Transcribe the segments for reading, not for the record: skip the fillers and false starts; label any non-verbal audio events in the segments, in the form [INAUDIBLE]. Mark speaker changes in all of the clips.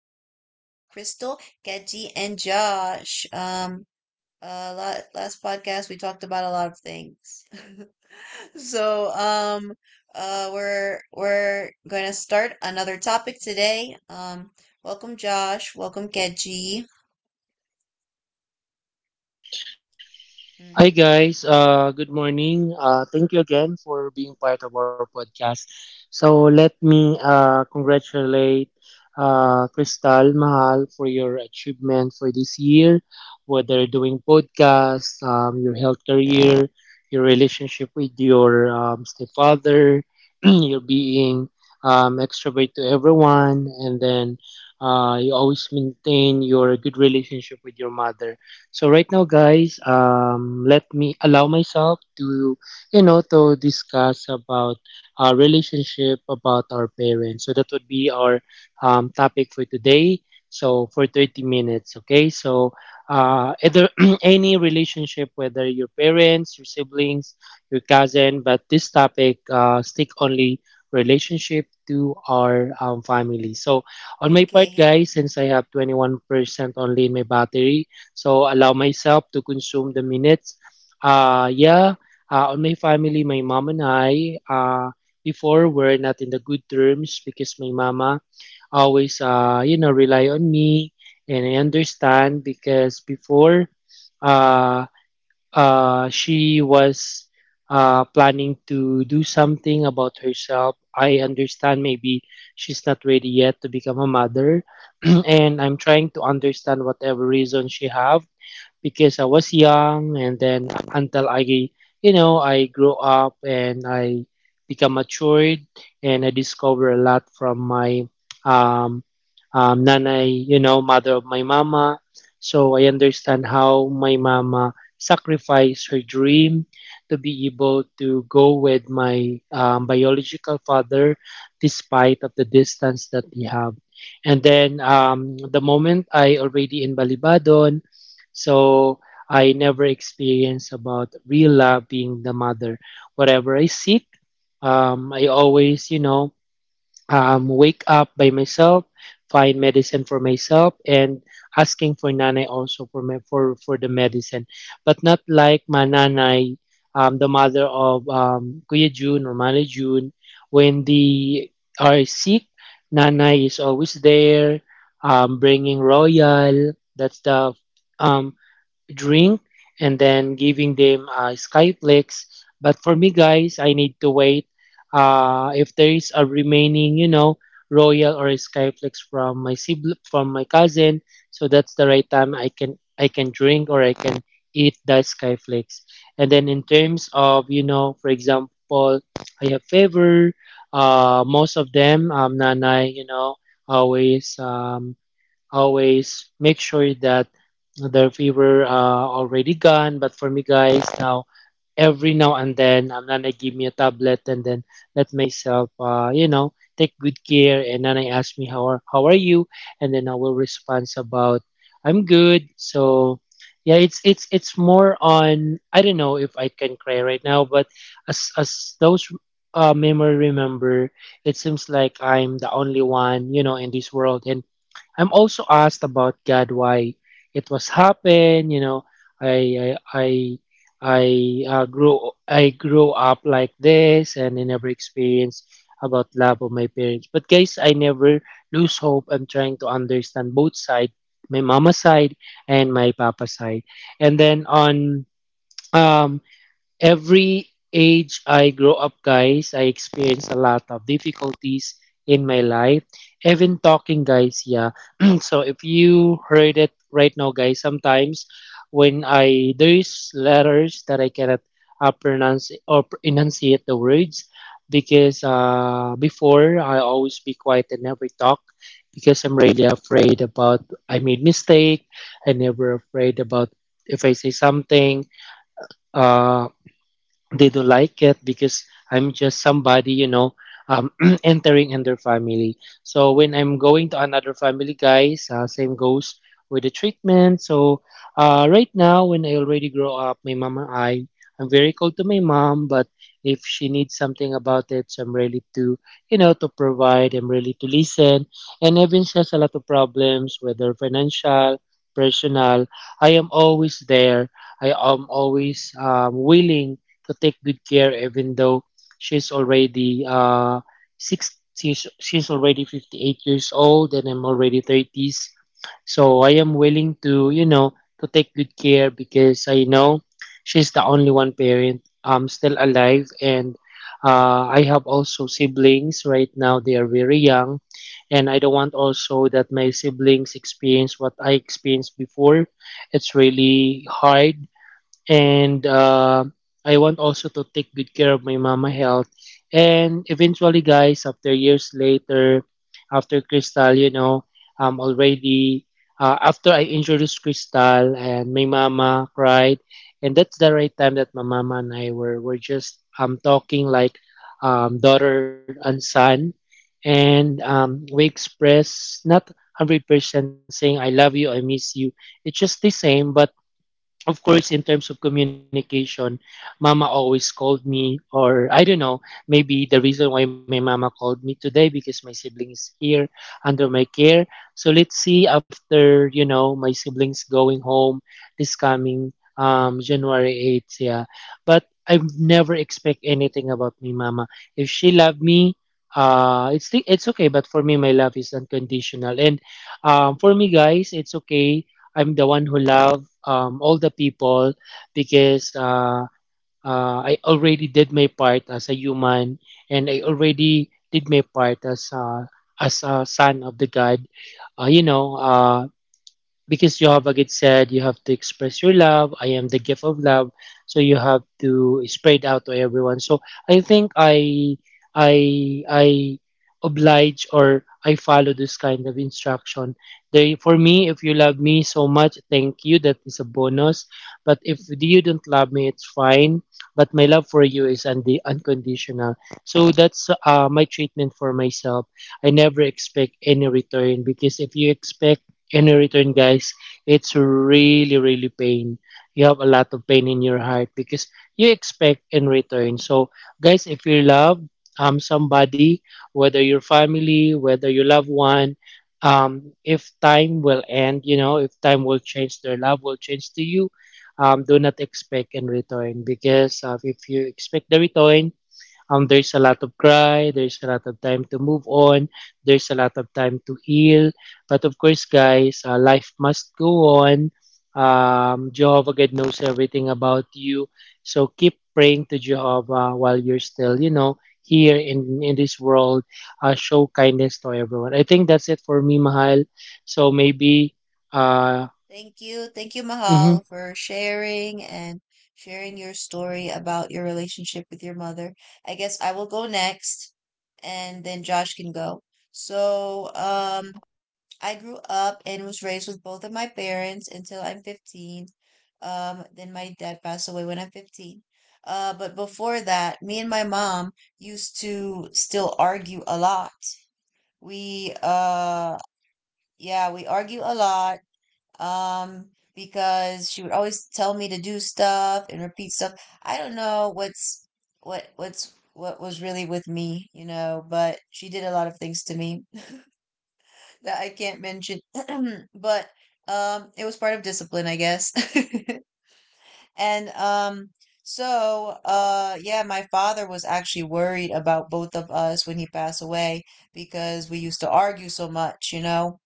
Speaker 1: podcast with Crystal, Geji, and Josh. Last podcast we talked about a lot of things. [LAUGHS] So we're gonna start another topic today. Welcome Josh, welcome Geji. Mm.
Speaker 2: Hi guys, good morning. Thank you again for being part of our podcast. So let me congratulate Crystal Mahal for your achievement for this year, whether doing podcasts, your health career, your relationship with your stepfather, [CLEARS THROAT] your being extrovert to everyone, and then you always maintain your good relationship with your mother. So right now, guys, let me allow myself to, you know, to discuss about our relationship about our parents. So that would be our topic for today. So for 30 minutes, okay? So either [CLEARS THROAT] any relationship, whether your parents, your siblings, your cousin, but this topic stick only relationship to our family. So on my part,
Speaker 1: Okay.
Speaker 2: guys, since I have 21% only in my battery, so allow myself to consume the minutes. Yeah, on my family, my mom and I, before were not in the good terms because my mama always, you know, rely on me. And I understand because before, uh, she was planning to do something about herself. I understand maybe she's not ready yet to become a mother, [CLEARS THROAT] and I'm trying to understand whatever reason she have because I was young and then until I, you know, I grow up and I become matured, and I discover a lot from my um, nanay, you know, mother of my mama. So I understand how my mama sacrificed her dream to be able to go with my biological father despite of the distance that we have. And then the moment I already in Balibadon, so I never experience about real love being the mother. Whatever I seek, I always, you know, wake up by myself, find medicine for myself, and asking for nanay also for for the medicine. But not like my nanay, the mother of Kuya June or Mali June, when they are sick, nanay is always there, bringing royal. That's the um, drink. And then giving them Skyplex. But for me, guys, I need to wait if there is a remaining, you know, Royal or Skyplex from my sibling, from my cousin. So that's the right time I can drink or I can eat the Skyflex. And then in terms of, you know, for example, I have favor. Most of them, Nanay, you know, always um, always make sure that the fever already gone. But for me, guys, now every now and then, I'm gonna give me a tablet and then let myself, you know, take good care. And then I ask me how are you, and then I will respond about I'm good. So yeah, it's more on I don't know if I can cry right now, but as those memory remember, it seems like I'm the only one, you know, in this world, and I'm also asked about God why it was happen. You know, I I I, I I grew up like this, and I never experienced about love of my parents. But guys, I never lose hope. I'm trying to understand both side, my mama side and my papa side, and then on. Um, Every age I grow up, guys, I experience a lot of difficulties in my life. Even talking, guys, yeah. [CLEARS THROAT] So if you heard it right now, guys, sometimes when I there's letters that I cannot pronounce or enunciate the words because before I always be quiet and never talk because I'm really afraid about I made mistake. I never afraid about if I say something uh they don't like it because I'm just somebody, you know, um, [CLEARS THROAT] entering in their family. So when I'm going to another family, guys, same goes with the treatment. So right now, when I already grow up, my mama, I'm very close to my mom, but if she needs something about it, so I'm ready to, you know, to provide. I'm ready to listen. And even she has a lot of problems, whether financial, personal, I am always there. I am always willing to take good care, even though she's already six. She's already 58 years old and I'm already 30s. So I am willing to, you know, to take good care because I know she's the only one parent still alive, and I have also siblings right now. They are very young, and I don't want also that my siblings experience what I experienced before. It's really hard. And I want also to take good care of my mama health. And eventually, guys, after years later, after Crystal, you know, already after I introduced Crystal and my mama cried, and that's the right time that my mama and I were just talking like daughter and son, and we express not 100% saying I love you, I miss you. It's just the same, but of course in terms of communication, mama always called me, or I don't know, maybe the reason why my mama called me today because my sibling is here under my care. So let's see after, you know, my siblings going home this coming January 8th. Yeah, but I never expect anything about me mama. If she loved me, it's okay, but for me, my love is unconditional. And for me, guys, it's okay. I'm the one who love all the people, because I already did my part as a human, and I already did my part as a son of the God. You know, because Jehovah have said you have to express your love. I am the gift of love, so you have to spread out to everyone. So I think I oblige or I follow this kind of instruction. They for me, if you love me so much, thank you, that is a bonus. But if you don't love me, it's fine. But my love for you is undi unconditional. So that's my treatment for myself. I never expect any return, because if you expect in return, guys, it's really really pain. You have a lot of pain in your heart because you expect in return. So guys, if you love somebody, whether your family, whether your loved one, if time will end, you know, if time will change, their love will change to you. Um, do not expect in return, because if you expect the return, there's a lot of cry, there's a lot of time to move on, there's a lot of time to heal. But of course, guys, life must go on. Jehovah God knows everything about you. So keep praying to Jehovah while you're still, you know, here in this world. Show kindness to everyone. I think that's it for me, Mahal. So maybe, uh,
Speaker 1: Thank you. Thank you,
Speaker 2: mhm.
Speaker 1: Mahal, for sharing and sharing your story about your relationship with your mother. I guess I will go next and then Josh can go. So, I grew up and was raised with both of my parents until I'm 15. Then my dad passed away when I'm 15. But before that, me and my mom used to still argue a lot. We, yeah, we argue a lot um because she would always tell me to do stuff and repeat stuff. I don't know what was really with me, but she did a lot of things to me [LAUGHS] that I can't mention. [CLEARS THROAT] But it was part of discipline, I guess. [LAUGHS] And so yeah, my father was actually worried about both of us when he passed away because we used to argue so much. You know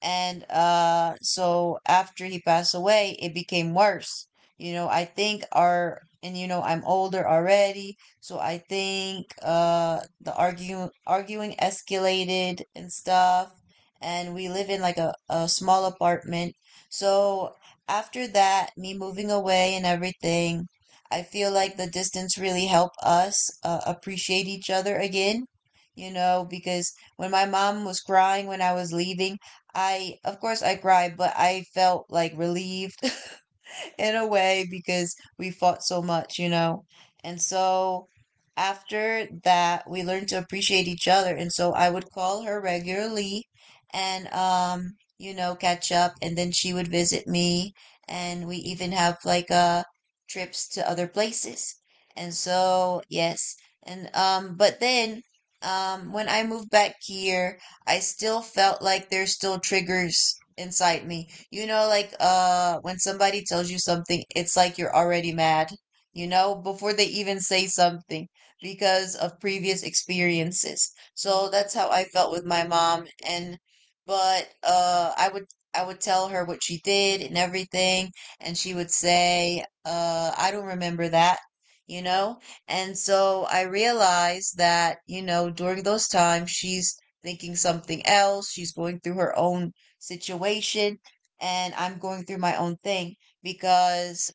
Speaker 1: and So after he passed away it became worse. I think, our and you know I'm older already, so I think the arguing escalated and stuff. And we live in like a small apartment. So after that, me moving away and everything, I feel like the distance really helped us appreciate each other again, because when my mom was crying when I was leaving, I, of course, I cried, but I felt like relieved, [LAUGHS] in a way, because we fought so much. And so after that, we learned to appreciate each other. And so I would call her regularly and, catch up. And then she would visit me. And we even have like trips to other places. And so, yes. And, but then, when I moved back here, I still felt like there's still triggers inside me, like when somebody tells you something, it's like you're already mad, before they even say something because of previous experiences. So that's how I felt with my mom. And But I would tell her what she did and everything, and she would say, I don't remember that, you know? And so I realized that, during those times she's thinking something else, she's going through her own situation and I'm going through my own thing, because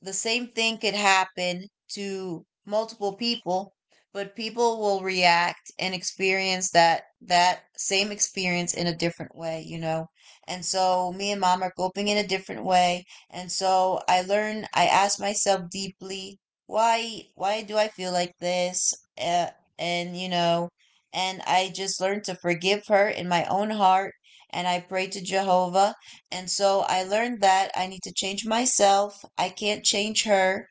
Speaker 1: the same thing could happen to multiple people, but people will react and experience that that same experience in a different way, you know. And so me and mom are coping in a different way, and so I ask myself deeply, why do I feel like this? Uh, and you know, and I just learn to forgive her in my own heart, and I pray to Jehovah, and so I learned that I need to change myself. I can't change her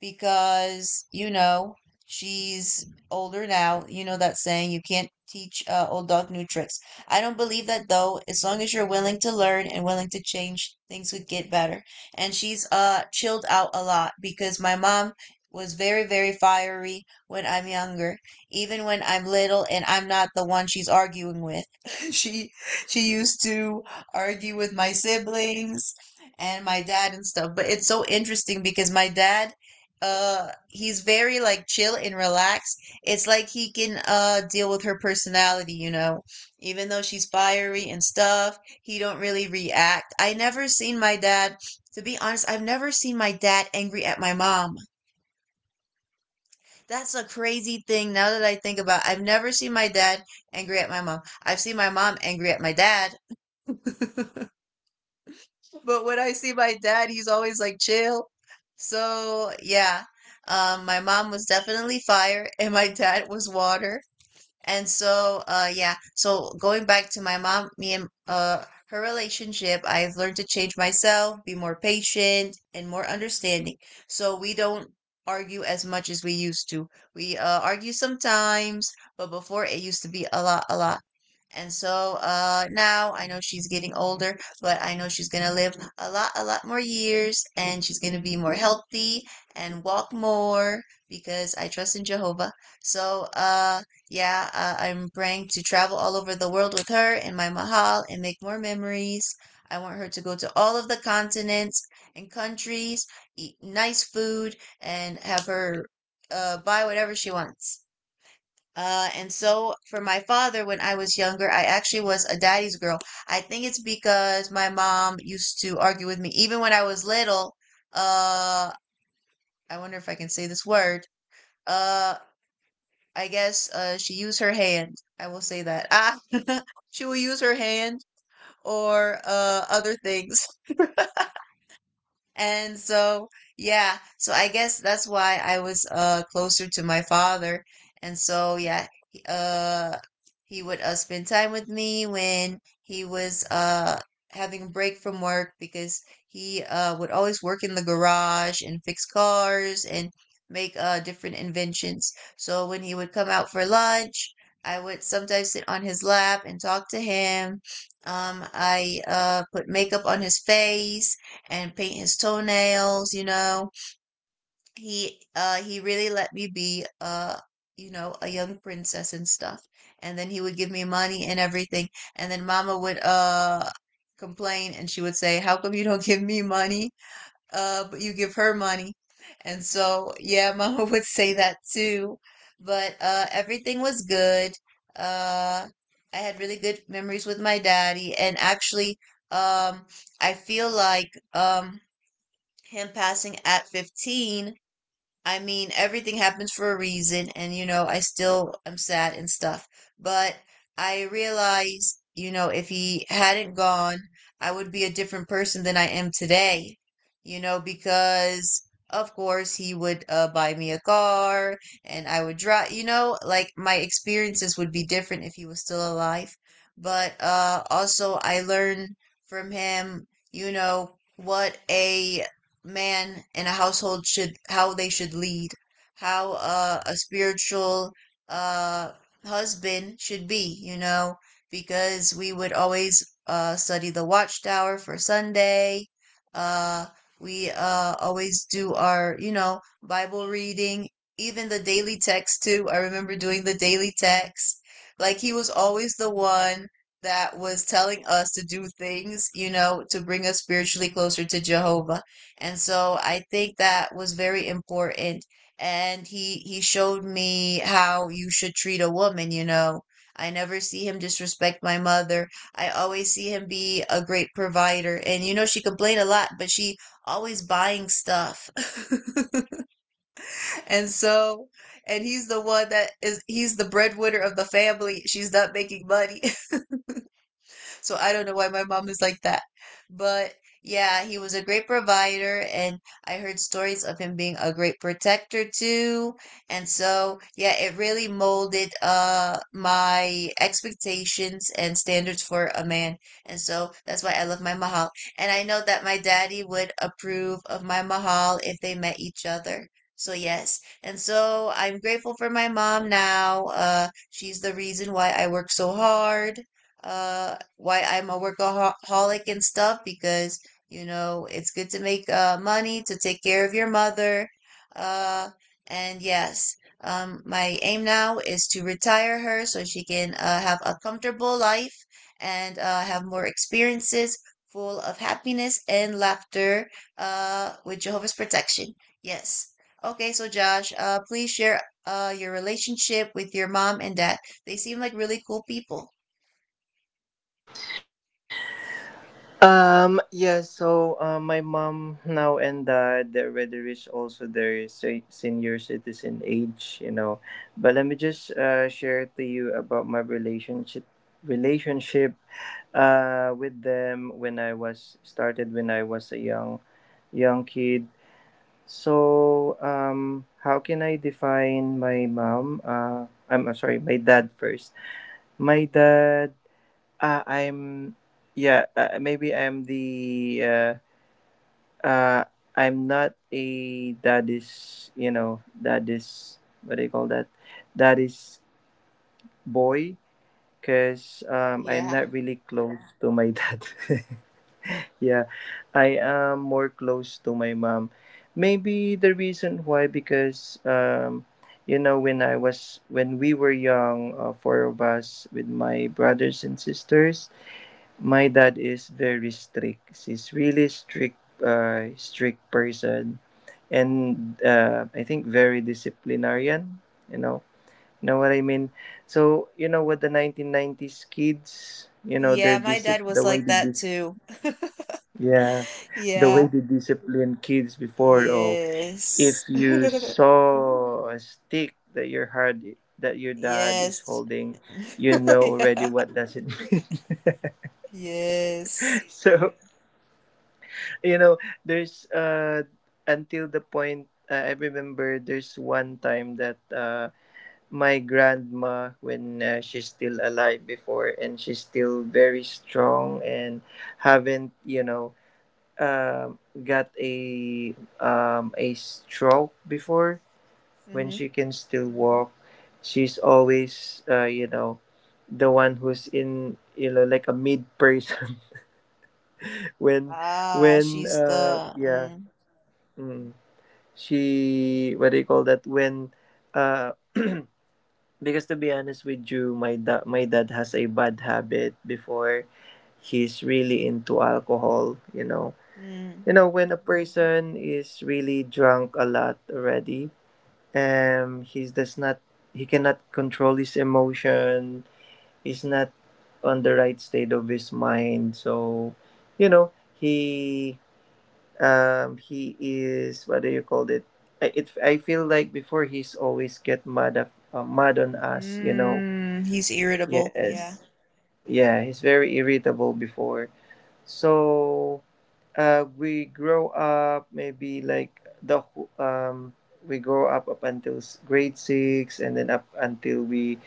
Speaker 1: because she's older now. You know that saying, you can't teach old dog new tricks. I don't believe that though. As long as you're willing to learn and willing to change, things would get better. And she's chilled out a lot because my mom was very, very fiery when I'm younger. Even when I'm little and I'm not the one she's arguing with. [LAUGHS] she she used to argue with my siblings and my dad and stuff. But it's so interesting because my dad, he's very like chill and relaxed. It's like he can deal with her personality, you know, even though she's fiery and stuff, he don't really react. I never seen my dad to be honest I've never seen my dad angry at my mom. That's a crazy thing. Now that I think about, I've never seen my dad angry at my mom. I've seen my mom angry at my dad. [LAUGHS] But when I see my dad, he's always like chill. So yeah, my mom was definitely fire, [LAUGHS] and my dad was water. And so yeah, so going back to my mom, me and her relationship, I've learned to change myself, be more patient, and more understanding. So we don't argue as much as we used to. We argue sometimes, but before it used to be a lot, a lot. And so now I know she's getting older, but I know she's going to live a lot more years and she's going to be more healthy and walk more because I trust in Jehovah. So, yeah, I'm praying to travel all over the world with her in my mahal and make more memories. I want her to go to all of the continents and countries, eat nice food, and have her buy whatever she wants. And so for my father, when I was younger, I actually was a daddy's girl. I think it's because my mom used to argue with me even when I was little. Uh, I wonder if I can say this word. Uh, I guess she used her hand. I will say that. Ah, [LAUGHS] she will use her hand or other things. And so, yeah, so I guess that's why I was closer to my father. And so, yeah, he, uh he would spend time with me when he was having a break from work because he would always work in the garage and fix cars and make different inventions. So when he would come out for lunch, I would sometimes sit on his lap and talk to him. I put makeup on his face and paint his toenails. He he really let me be a young princess and stuff. And then he would give me money and everything. And then mama would complain and she would say, "How come you don't [LAUGHS] give me money? But you give her money." And so, yeah, [LAUGHS] mama would say that too. But everything was good. Uh I had really good memories with my daddy. And actually, um I feel like, him passing at 15, I mean, everything happens for a reason, and, I still am sad and stuff, but I realize, if he hadn't gone, I would be a different person than I am today, because, of course, he would buy me a car, and I would drive, you know, like, my experiences would be different if he was still alive. But also I learned from him, you know, what a man and a household should, how they should lead, how a spiritual uh, husband should be, you know, because we would always study the Watchtower for Sunday. Uh, we always do our, Bible reading, even the daily text too. I remember doing the daily text. Like, he was always the one that was telling us to do things, to bring us spiritually closer to Jehovah. And so I think that was very important. And he showed me how you should treat a woman. I never see him disrespect my mother. I always see him be a great provider. And she complained a lot, but she always buying stuff. [LAUGHS] and so and he's the one that is he's the breadwinner of the family. She's not making money. So I don't know why my mom is like that. But yeah, he was a great provider, and I heard stories of him being a great protector too. And so, yeah, it really molded my expectations and standards for a man. And so that's why I love my mahal. And I know that my daddy would approve of my mahal if they met each other. So yes. And so I'm grateful for my mom now. She's the reason why I work so hard, why I'm a workaholic and stuff, because it's good to make money to take care of your mother. uh and yes, my aim now is to retire her so she can have a comfortable life and have more experiences full of happiness and laughter, with Jehovah's protection. Yes. Okay, so Josh, please share your relationship with your mom and dad. They seem like really cool people.
Speaker 3: My mom now and dad they already reached also their senior citizen age, you know. But let me just share to you about my relationship with them when I was a young kid. So how can I define my mom? I'm sorry, my dad first. My dad uh, I'm, yeah, maybe uh, I'm not a that is, you know, that is, what do you call that? That is boy, because I'm
Speaker 1: Yeah.
Speaker 3: not really close to my dad. [LAUGHS] Yeah, I am more close to my mom. Maybe the reason why, because, when we were young, four of us with my brothers and sisters, my dad is very strict. He's really strict person, and I think very disciplinarian. You know what I mean. So you know what 1990s kids, you know, their
Speaker 1: Yeah, my
Speaker 3: discip,
Speaker 1: dad
Speaker 3: the
Speaker 1: was like
Speaker 3: way they
Speaker 1: that
Speaker 3: dis,
Speaker 1: too. [LAUGHS]
Speaker 3: yeah, the way
Speaker 1: Yeah.
Speaker 3: they discipline kids before. Oh,
Speaker 1: Yes.
Speaker 3: if you
Speaker 1: [LAUGHS]
Speaker 3: saw a stick that your hard that your dad is
Speaker 1: Yes.
Speaker 3: holding, you
Speaker 1: [LAUGHS]
Speaker 3: know already
Speaker 1: Yeah.
Speaker 3: what does it mean.
Speaker 1: Yes.
Speaker 3: [LAUGHS] So you know there's until the point I remember there's one time that my grandma when she's still alive before and she's still very strong and haven't um got a stroke before, when
Speaker 1: Hmm.
Speaker 3: she can still walk. She's always you know, the one who's in, you know, like a mid person. [LAUGHS] when
Speaker 1: Ah,
Speaker 3: when
Speaker 1: she's
Speaker 3: uh
Speaker 1: the,
Speaker 3: yeah.
Speaker 1: mm,
Speaker 3: Mm. She, what do you call that, when uh because to be honest with you, my dad has a bad habit before. He's really into alcohol, you know.
Speaker 1: mm,
Speaker 3: You know, when a person is really drunk a lot already, he's does not he cannot control his emotion. He's not on the right state of his mind. So, you know, he is, what do you call it, I feel like before he's always mad on us, you know.
Speaker 1: mm, he's irritable. Yeah.
Speaker 3: Yes, yeah, he's very irritable before. So we grow up maybe like the wh- um we grow up up until grade 6, and then up until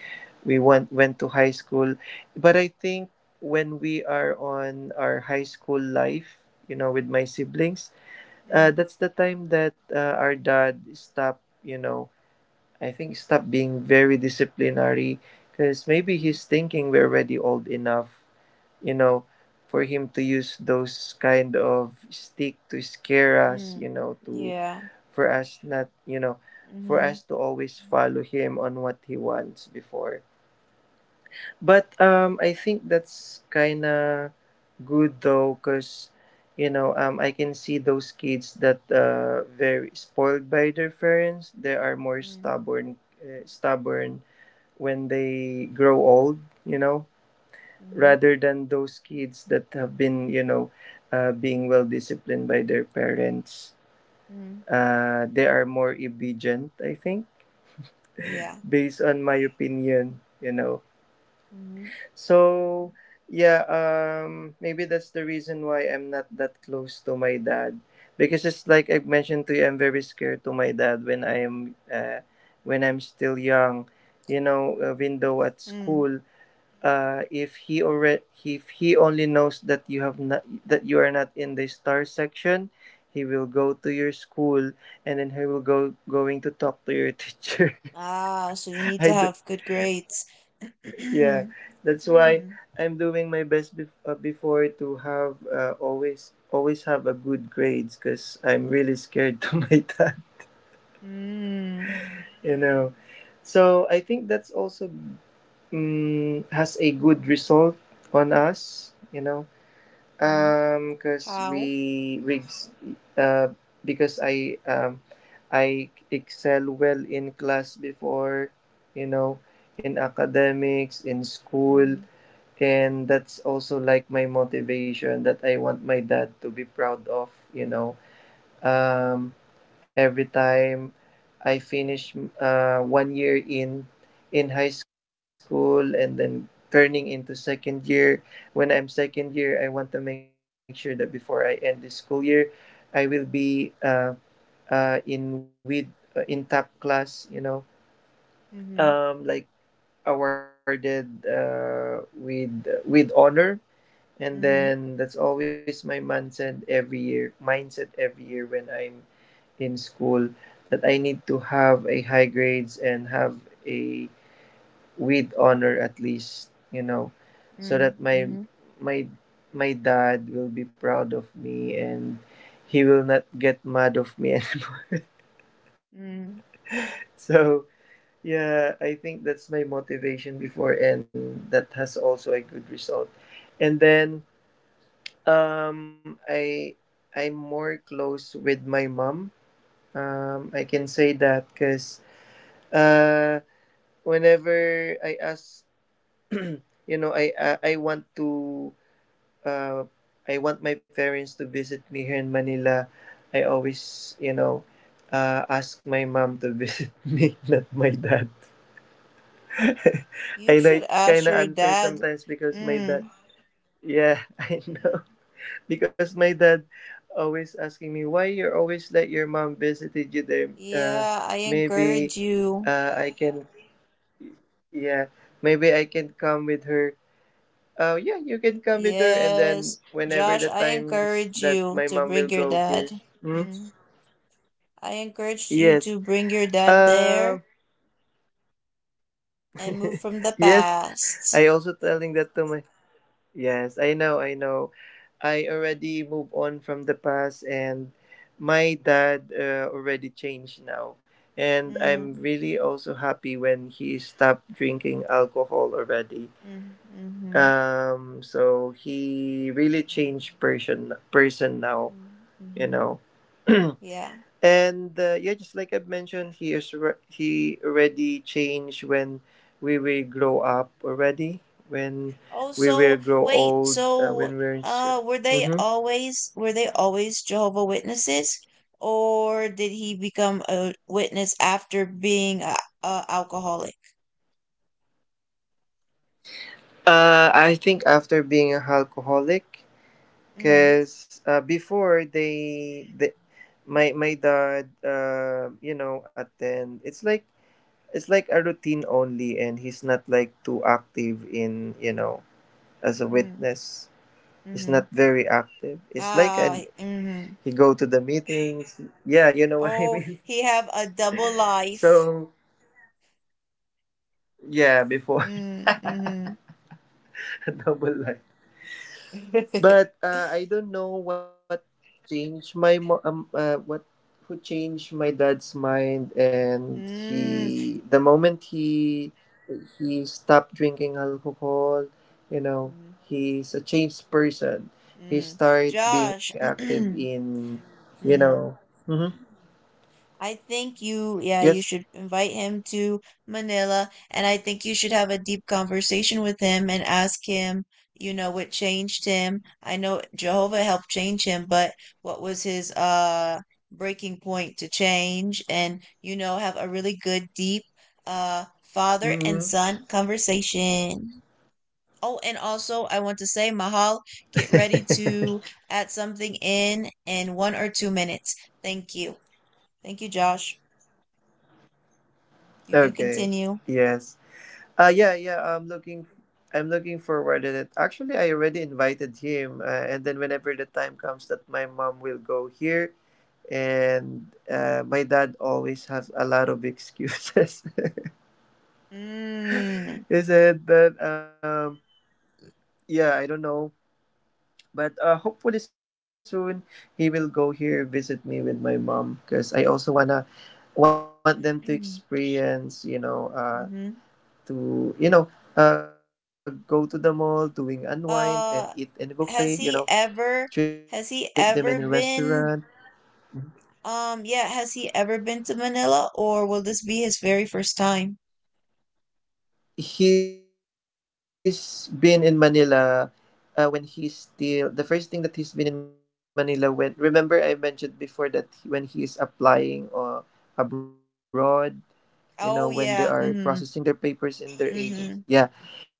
Speaker 3: we went to high school. But I think when we are on our high school life, you know, with my siblings,
Speaker 1: Mm,
Speaker 3: that's the time that our dad stopped, you know, I think stopped being very disciplinary, because maybe
Speaker 1: mm,
Speaker 3: he's thinking we're already old enough, you know, for him to use those kind of stick to scare us,
Speaker 1: mm,
Speaker 3: you know, to,
Speaker 1: yeah.
Speaker 3: for us not, you know, for
Speaker 1: Mm-hmm.
Speaker 3: us to always follow him on what he wants before. But I think that's kind of good though, because you know I can see those kids that very spoiled by their parents. They are more
Speaker 1: Mm,
Speaker 3: stubborn when they grow old. You know,
Speaker 1: mm-hmm.
Speaker 3: rather than those kids that have been you know being well disciplined by their parents.
Speaker 1: Mm,
Speaker 3: They are more obedient. I think,
Speaker 1: yeah.
Speaker 3: based on my opinion. You know.
Speaker 1: Mm-hmm.
Speaker 3: So, yeah, maybe that's the reason why I'm not that close to my dad, because just like I mentioned to you, I'm very scared to my dad when I'm still young. You know, even though at
Speaker 1: Mm.
Speaker 3: school, if he already if he only knows that you are not in the star section, he will go to your school and then he will go going to talk to your [LAUGHS] teacher.
Speaker 1: Ah, so you need
Speaker 3: I
Speaker 1: to
Speaker 3: do.
Speaker 1: have good grades.
Speaker 3: Yeah,
Speaker 1: [CLEARS THROAT]
Speaker 3: that's why
Speaker 1: Mm,
Speaker 3: I'm doing my best before to have always have a good grades, because I'm really scared [LAUGHS] to my dad,
Speaker 1: mm,
Speaker 3: you know. So I think that's also has a good result on us, you know,
Speaker 1: mm-hmm.
Speaker 3: because
Speaker 1: How?
Speaker 3: we uh, because I excel well in class before, you know, in academics in school.
Speaker 1: Mhm,
Speaker 3: And that's also like my motivation that I want my dad to be proud of, you know. um every time I finish one year in high school, and then turning into second year. When I'm second year, I want to make sure that before I end the school year, I will be in with in top class, you know.
Speaker 1: mhm,
Speaker 3: Like awarded with honor. And
Speaker 1: mhm,
Speaker 3: then that's always my mindset every year when I'm in school, that I need to have a high grades and have a with honor at least, you know, so that
Speaker 1: mm, mhm,
Speaker 3: my my dad will be proud of me, and he will not get mad of me. [LAUGHS]
Speaker 1: mm.
Speaker 3: So yeah, I think that's my motivation before, and that has also a good result. And then Um, I I'm more close with my mom. I can say that because uh, whenever I ask, [CLEARS THROAT] you know, I want to uh, I want my parents to visit me here in Manila. I always, you know, ask my mom to visit [LAUGHS] me, not my dad. [LAUGHS]
Speaker 1: You
Speaker 3: I know
Speaker 1: should
Speaker 3: it's kind
Speaker 1: ask
Speaker 3: of
Speaker 1: your
Speaker 3: unfair
Speaker 1: dad.
Speaker 3: sometimes because my dad.
Speaker 1: Mm,
Speaker 3: Yeah, [LAUGHS] I know. Because my dad always asking me why you're always let your mom visited you there. Uh,
Speaker 1: yeah, I
Speaker 3: maybe
Speaker 1: encourage you.
Speaker 3: I can, yeah, maybe I can come with her. Oh yeah, you can come with her, and then
Speaker 1: Yes,
Speaker 3: whenever
Speaker 1: Josh,
Speaker 3: the
Speaker 1: I
Speaker 3: times
Speaker 1: encourage
Speaker 3: that
Speaker 1: you
Speaker 3: my
Speaker 1: to
Speaker 3: mom will
Speaker 1: bring your
Speaker 3: go here.
Speaker 1: dad.
Speaker 3: Hmm?
Speaker 1: Mm. I encourage you
Speaker 3: Yes.
Speaker 1: to bring your dad there
Speaker 3: um
Speaker 1: and move from the
Speaker 3: yes
Speaker 1: past.
Speaker 3: I also telling that to my. Yes, I know, I know. I already moved on from the past, and my dad already changed now. And I'm
Speaker 1: Mm,
Speaker 3: really also happy when he stopped drinking alcohol already.
Speaker 1: mm, mhm,
Speaker 3: So he really changed person person now,
Speaker 1: mm,
Speaker 3: you
Speaker 1: mhm.
Speaker 3: know.
Speaker 1: Yeah.
Speaker 3: And yeah, just like I've mentioned, he already changed when we will grow up already. When
Speaker 1: Oh,
Speaker 3: we will
Speaker 1: so
Speaker 3: grow
Speaker 1: wait,
Speaker 3: old,
Speaker 1: so
Speaker 3: when we're in school.
Speaker 1: were they
Speaker 3: Hmm.
Speaker 1: always were they always Jehovah Witnesses? Or did he become a witness after being a alcoholic?
Speaker 3: I think after being an alcoholic,
Speaker 1: Mm,
Speaker 3: because they, my dad, you know, attend. It's like a routine only, and he's not like too active in, you know, as a
Speaker 1: mm,
Speaker 3: witness. He's
Speaker 1: mm-hmm.
Speaker 3: not very active. It's like
Speaker 1: Ah,
Speaker 3: an
Speaker 1: mm-hmm.
Speaker 3: He go to the meetings. Yeah, you know what I
Speaker 1: Oh,
Speaker 3: mean. [LAUGHS]
Speaker 1: he have a double life.
Speaker 3: So yeah, before
Speaker 1: Mm, mm-hmm.
Speaker 3: [LAUGHS] a double life. But
Speaker 1: [LAUGHS]
Speaker 3: I don't know what what who changed my dad's mind, and
Speaker 1: Mm,
Speaker 3: he the moment he stopped drinking alcohol, you know,
Speaker 1: mm,
Speaker 3: he's a changed person. He
Speaker 1: mm.
Speaker 3: started being
Speaker 1: Josh,
Speaker 3: active in, you
Speaker 1: [CLEARS THROAT]
Speaker 3: know.
Speaker 1: mm,
Speaker 3: Mm-hmm.
Speaker 1: I think you, yeah,
Speaker 3: Yes.
Speaker 1: you should invite him to Manila, and I think you should have a deep conversation with him and ask him, you know, what changed him. I know Jehovah helped change him, but what was his breaking point to change? And, you know, have a really good, deep uh
Speaker 3: Mm-hmm.
Speaker 1: father and son conversation. Oh, and also I want to say, Mahal, get
Speaker 3: [LAUGHS]
Speaker 1: ready to add something in 1 or 2 minutes. Thank you. Thank you, Josh.
Speaker 3: Okay.
Speaker 1: You can continue.
Speaker 3: Yes. Yeah, yeah. I'm looking forward to it. Actually, I already invited him, and then whenever the time comes that my mom will go here, and my dad always has a lot of excuses.
Speaker 1: Mm.
Speaker 3: [LAUGHS] He said that yeah, I don't know, but hopefully soon he will go here visit me with my
Speaker 1: Mhm.
Speaker 3: mom, because I also wanna want them to
Speaker 1: Mm.
Speaker 3: experience, you know,
Speaker 1: Mhm.
Speaker 3: to you know, go to the mall doing unwind
Speaker 1: Uh,
Speaker 3: and eat in a
Speaker 1: has he
Speaker 3: buffet, you know,
Speaker 1: ever has he
Speaker 3: treat them in
Speaker 1: ever
Speaker 3: a
Speaker 1: been,
Speaker 3: restaurant.
Speaker 1: yeah, has he ever been to Manila or will this be his very first time?
Speaker 3: He's been in manila when he's still the first thing that he's been in manila, when, remember I mentioned before, that when he is applying or abroad, you know,
Speaker 1: Oh
Speaker 3: when they
Speaker 1: yeah.
Speaker 3: are
Speaker 1: Mhm.
Speaker 3: processing their papers in their
Speaker 1: Mhm.
Speaker 3: agency, yeah.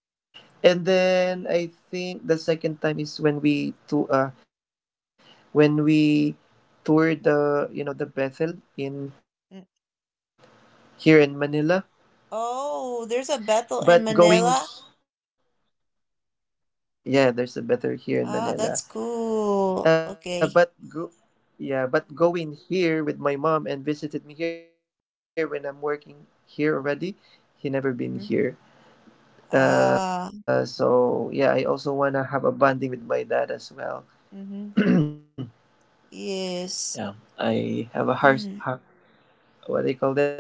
Speaker 3: And then I think the second time is when we to when we toured the, you know, the Bethel
Speaker 1: Mm.
Speaker 3: in here in Manila.
Speaker 1: Oh, there's a Bethel in
Speaker 3: But
Speaker 1: Manila.
Speaker 3: going Yeah, there's a Bethel here
Speaker 1: Ah,
Speaker 3: in
Speaker 1: that's
Speaker 3: Manila.
Speaker 1: cool.
Speaker 3: Uh,
Speaker 1: Okay.
Speaker 3: but go, yeah, but going here with my mom and visited me here when I'm working here already. He never
Speaker 1: Mhm.
Speaker 3: been here.
Speaker 1: Ah.
Speaker 3: So yeah, I also wanna have a bonding with my dad as well.
Speaker 1: Mhm. Yes.
Speaker 3: Yeah, I have a
Speaker 1: [CLEARS THROAT]
Speaker 3: harsh,
Speaker 1: Mm.
Speaker 3: har what do you call that?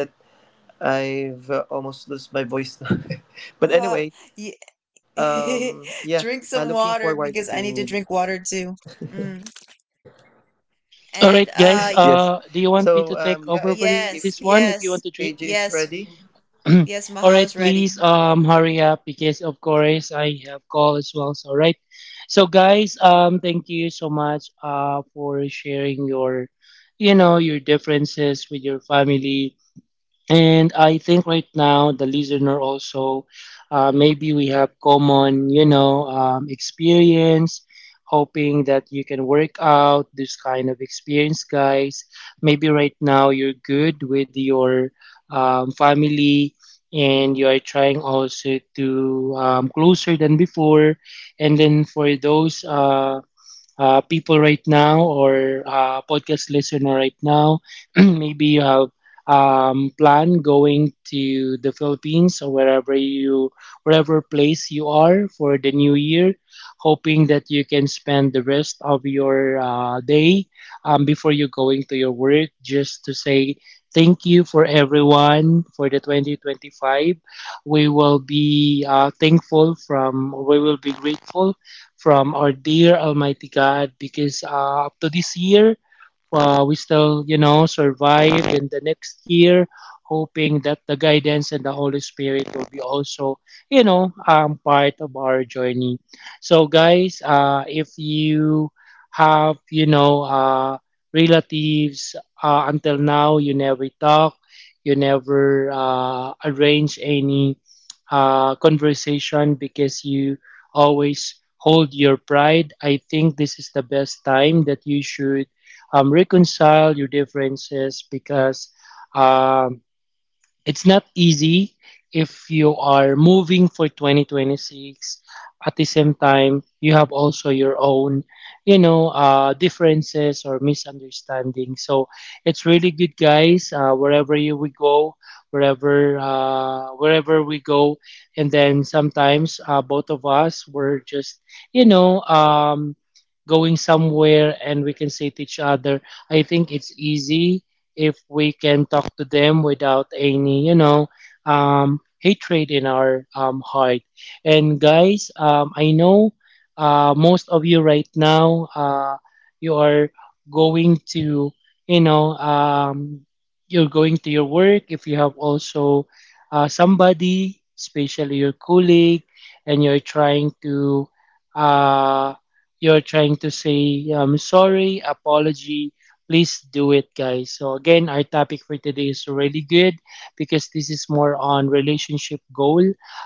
Speaker 3: I've almost lost my voice now. [LAUGHS] But
Speaker 1: Uh, [LAUGHS]
Speaker 3: anyway, yeah,
Speaker 1: Drink some
Speaker 3: looking
Speaker 1: water because
Speaker 3: forward
Speaker 1: I need to drink
Speaker 3: to,
Speaker 1: water too. Mm. And
Speaker 2: All right,
Speaker 1: y
Speaker 3: yes.
Speaker 2: guys. Do you
Speaker 3: So
Speaker 2: want me to take
Speaker 3: yeah,
Speaker 2: over
Speaker 3: I
Speaker 2: for
Speaker 1: yes,
Speaker 2: this
Speaker 3: think
Speaker 2: one?
Speaker 3: if
Speaker 2: If you
Speaker 1: yes,
Speaker 2: want to
Speaker 3: KJ is
Speaker 2: drink.
Speaker 1: yes,
Speaker 3: ready,
Speaker 1: yes,
Speaker 2: [CLEARS THROAT] All right,
Speaker 1: Mahalo's ready.
Speaker 2: please. Hurry up because of course I have call as well. So, all right. So, guys. Thank you so much. For sharing your, you know, your differences with your family. And I think right now the listener also, maybe we have common, you know, experience. Hoping that you can work out this kind of experience, guys. Maybe right now you're good with your family, and you are trying also to closer than before. And then for those people right now or podcast listener right now, [CLEARS THROAT] maybe you have plan going to the Philippines or wherever place you are for the new year, hoping that you can spend the rest of your day before you going to your work just to say thank you for everyone for the 2025. We will be grateful from our dear Almighty God because up to this year, we still, you know, survive in the next year, hoping that the guidance and the Holy Spirit will be also, you know, part of our journey. So, guys, if you have, you know, relatives until now, you never talk, you never arrange any conversation because you always hold your pride. I think this is the best time that you should reconcile your differences because um, it's not easy if you are moving for 2026. At the same time, you have also your own, you know, differences or misunderstandings. So it's really good, guys. Wherever you we go, wherever we go, and then sometimes both of us were just, you know, um, going somewhere, and we can say to each other, I think it's easy if we can talk to them without any, hatred in our heart. And guys, I know most of you right now, you are going to, you know, um, you're going to your work. If you have also somebody, especially your colleague, and uh, you're trying to say sorry, apology, please do it, guys. So, again, our topic for today is really good, because this is more on relationship goal,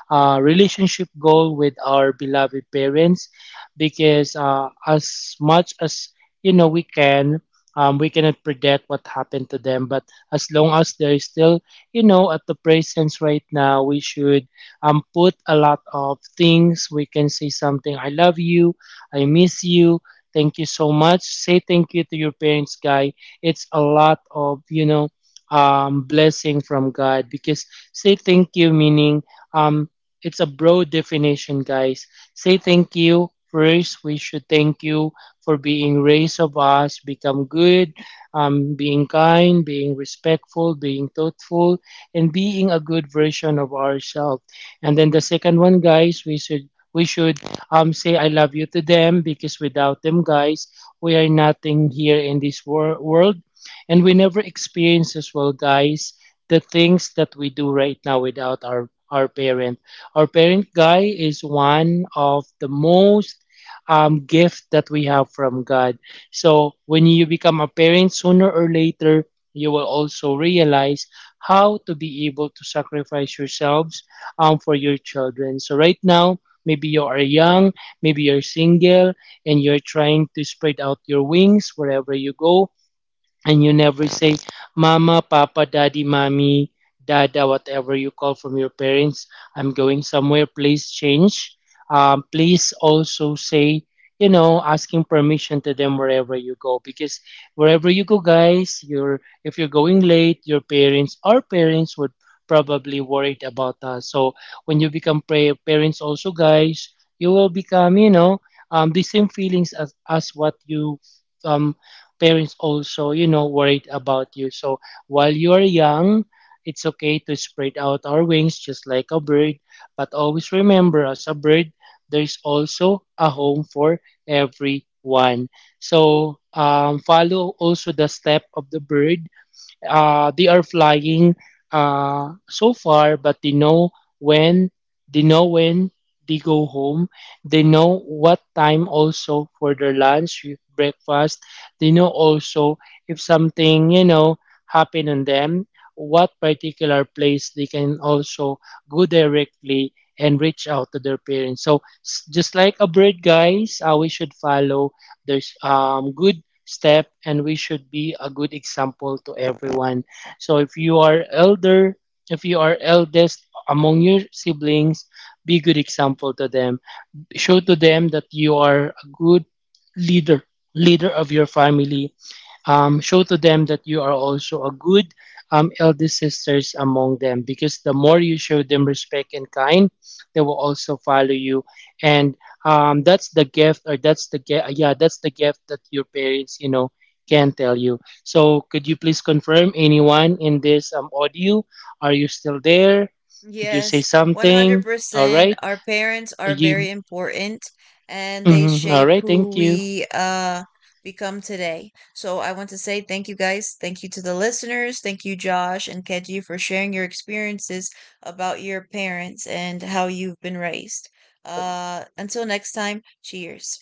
Speaker 2: with our beloved parents. Because as much as you know, we cannot predict what happened to them. But as long as they're still, at the presence right now, we should put a lot of things. We can say something, "I love you," "I miss you," "Thank you so much." Say thank you to your parents, guy. It's a lot of, blessing from God, because say thank you meaning, um, it's a broad definition, guys. Say thank you. First, we should thank you for being raised of us, become good, being kind, being respectful, being thoughtful, and being a good version of ourselves. And then the second one, guys, we should say "I love you" to them, because without them, guys, we are nothing here in this world, and we never experience, as well, guys, the things that we do right now without our parent. Our parent, guy, is one of the most gift that we have from God. So when you become a parent, sooner or later, you will also realize how to be able to sacrifice yourselves for your children. So right now, maybe you are young, maybe you're single, and you're trying to spread out your wings wherever you go. And you never say, "Mama, Papa, Daddy, Mommy, Dada," whatever you call from your parents, "I'm going somewhere, please change." Please also say, asking permission to them wherever you go, because wherever you go, guys, you're if you're going late, your parents, would probably worried about us. So when you become parents also, guys, you will become, the same feelings as what you, um, parents also, worried about you. So while you are young, it's okay to spread out our wings just like a bird. But always remember, as a bird, there's also a home for everyone. So follow also the step of the bird. They are flying so far, but when they know when they go home. They know what time also for their lunch, breakfast. They know also if something, happen on them, what particular place they can also go directly and reach out to their parents. So just like a bird, guys, we should follow. There's good step, and we should be a good example to everyone. So if you are elder, if you are eldest among your siblings, be a good example to them. Show to them that you are a good leader, leader of your family. Show to them that you are also a good, elder sisters among them, because the more you show them respect and kind, they will also follow you. And that's the gift, or that's the gift, yeah, that's the gift that your parents, can tell you. So could you please confirm, anyone in this audio, are you still there? Could you say
Speaker 1: Yes,
Speaker 2: something? All
Speaker 1: 100%.
Speaker 2: right.
Speaker 1: Our parents are
Speaker 2: You.
Speaker 1: very important and they
Speaker 2: Mhm. All
Speaker 1: shape
Speaker 2: right, thank
Speaker 1: who
Speaker 2: you.
Speaker 1: we become today. So I want to say thank you guys. Thank you to the listeners. Thank you Josh and Keji for sharing your experiences about your parents and how you've been raised. Until next time, cheers.